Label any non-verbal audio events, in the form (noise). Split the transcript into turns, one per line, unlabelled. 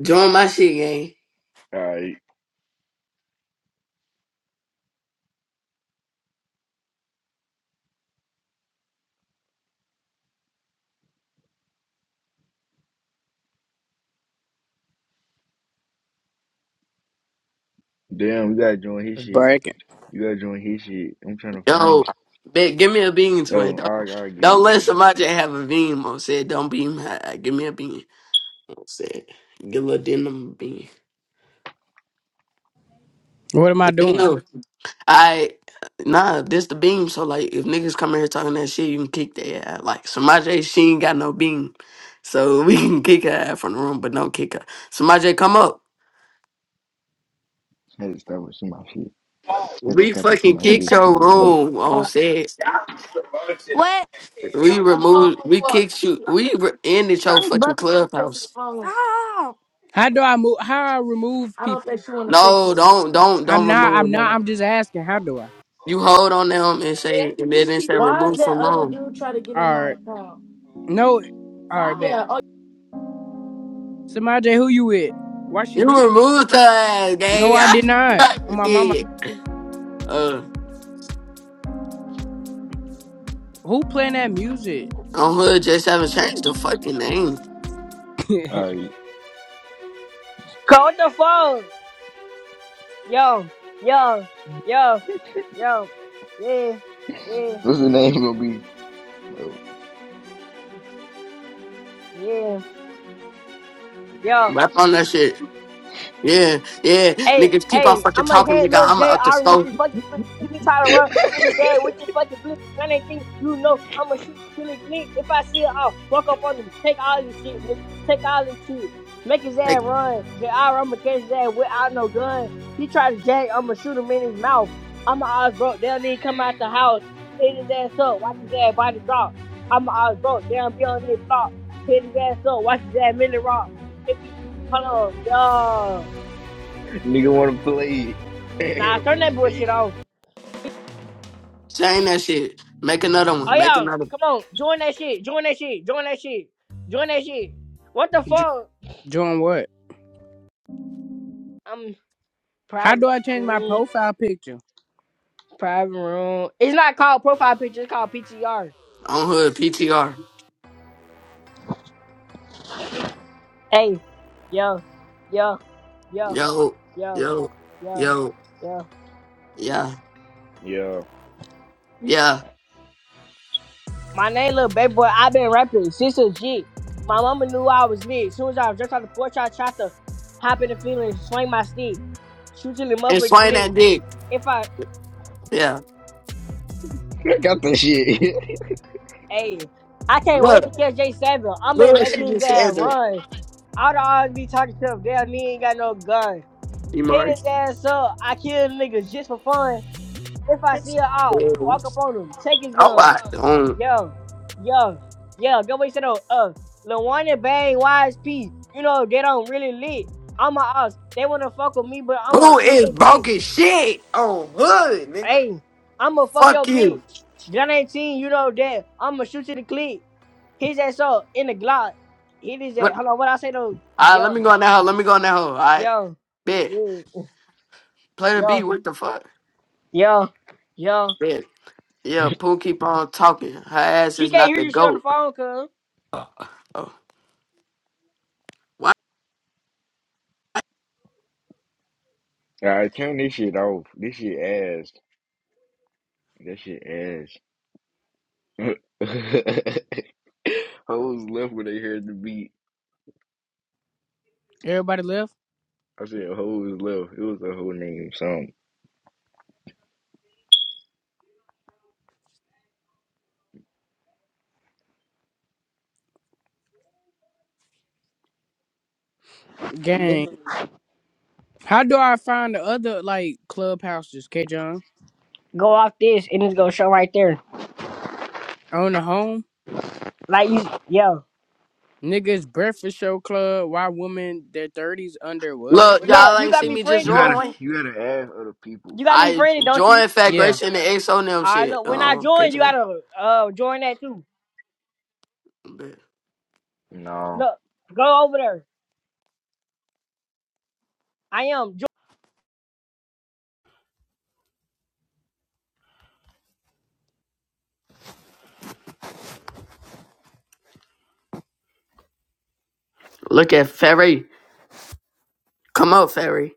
Join my shit, gang.
Alright. Damn, you gotta join his
It's
shit.
bragging.
You gotta join his shit. I'm trying to find
Yo,
you.
bet, give me a bean, twin.
Oh,
Don't
I'll, I'll give
don't
you a
let
bean.
somebody have a beam. Mo said, don't beam. I, give me a bean. I said, get a little denim bean.
What am I
But they
doing?
know. I nah, this the beam. So like, if niggas come in here talking that shit, you can kick their ass. Like Samaje, she ain't got no beam, so (laughs) we can kick her ass from the room, but don't kick her. Samaje, come up.
I Had to stop and shoot my shit. I Had to
We
stop and shoot
fucking
my
kicked
shit to
your
get work.
room on set.
What? The
We removed.
whole
We
world.
kicked you. We re- ended your fucking
Brother said text
clubhouse.
his phone. Stop.
How do I move? How I remove
I don't
people?
think she want to text
No,
his phone.
don't, don't,
I'm
don't
not. I'm
remove
not.
them.
I'm just asking. How do I?
You hold on them and say, and then it say
Why did
remove
that
from
other
room.
dude try to get in
All
my
right.
account?
No. All right. Bet.
Yeah. oh,
Samaj, who you with? Why she
You
leave?
removed her ass,
No,
gang. (laughs)
I
I
did not. Oh
fucking
my mama.
did. (laughs) Uh,
Who playing that music?
on hood, just haven't changed the fucking name.
(laughs) J-
Alright.
Call the phone. Yo, yo, yo, yo. Yeah, yeah,
What's the name gonna be? Oh,
yeah, yo.
Rap on that shit. Yeah, yeah.
Hey,
Niggas keep on
hey, I'm
fucking
gonna
talking,
head
nigga.
little
I'm going
J
to up the
R with
stove.
this fucking switch. If he try to run in his head with this fucking blitz, 118, you know I'm gonna shoot till he click. If I see it, I'll walk up on him. Take all this shit, nigga. Take all this shit. Make his ass
Take,
run. JR, I'm gonna catch his ass without no gun. He try to jag, I'm gonna shoot him in his mouth. I'm going to eyes broke down, then he come out the house. Hit his ass up, watch his ass body drop. I'm going to eyes broke down, be on their block. Hit his ass up, watch his ass milli rock. If he, hold on, y'all.
nigga wanna play it. (laughs) Hit
Nah,
up
turn
in
that
his face.
bullshit off.
change that shit. Make another
Oh
one. Make
yeah,
another. one.
come on, join that shit, join that shit, join that shit, join that shit. What the fuck?
Doing what?
I'm
How
private
do I change my
room,
profile picture?
private room. It's not called profile picture. It's called PTR.
On hood, PTR.
Hey, yo, yo, yo,
Yo,
yo,
yo,
yo,
yo.
yo.
Yeah,
Yeah.
yeah.
My name, little baby boy. I've been rapping since a G. My mama knew I was lit. As soon as I was just on the porch, I tried to hop in the field and swing my stick, shoot till the
And
motherfucker
swing
click.
that dick.
If I
Yeah.
I got that shit.
Hey, I can't wait to
Look,
catch J Seven. I'm
look
gonna
what
make
she
his
just
ass
said.
run. I'd always be talking to him. Damn, he ain't got no gun.
You
Hit
mark.
his ass up. I kill niggas just for fun. If I see her out, walk up on him. Take his
All
gun.
right. Um,
Yo, yo, yo. Go wait, said up. Uh, Lil Wayne and Bang, YSP. You know they don't really lit. I'm a us. They wanna fuck with me, but I'ma
who
eat
is
they dick.
broken shit on hood, nigga?
Hey, I'ma fuck
Fuck
your bitch.
you.
Gun 18, you know that. I'ma shoot you the clip. He said so in the Glock. He just said,
What?
"Hold on, what I say though?
All right, let
Yo,
me go on that hoe. Let me go on that hoe. All right.
yo,
Bet.
yeah,
Play the beat.
yo,
What the fuck?
yo, yo."
Bet. Yeah, Pooh keep on talking. Her ass
She
is
can't
not
hear
the
you. She on the
goat.
phone, cuz.
Oh. Oh. why?
(laughs) Alright, turn this shit off. This shit ass. That shit ass. (laughs) hoes left when they heard the beat.
Everybody left.
I said hoes left. It was a whole name song.
Gang. How do I find the other like clubhouses? K John
Go off this, and it's gonna show right there.
on the home.
Like you, yo.
Niggas breakfast show club. Why women their thirties under what?
Look,
What the?
Look,
y'all
F-
you
ain't
got
see
me
me just
You
friended,
gotta
don't you?
drawing.
you gotta ask other people.
You got me
I
friended, don't you?
joined Fat
yeah.
Grace and the XO and them
All right,
shit.
look. When I
Um, okay,
join, you
John.
gotta uh join that too.
Bet.
No.
Look, go over there. I am.
Look at Ferry. Come up, Ferry.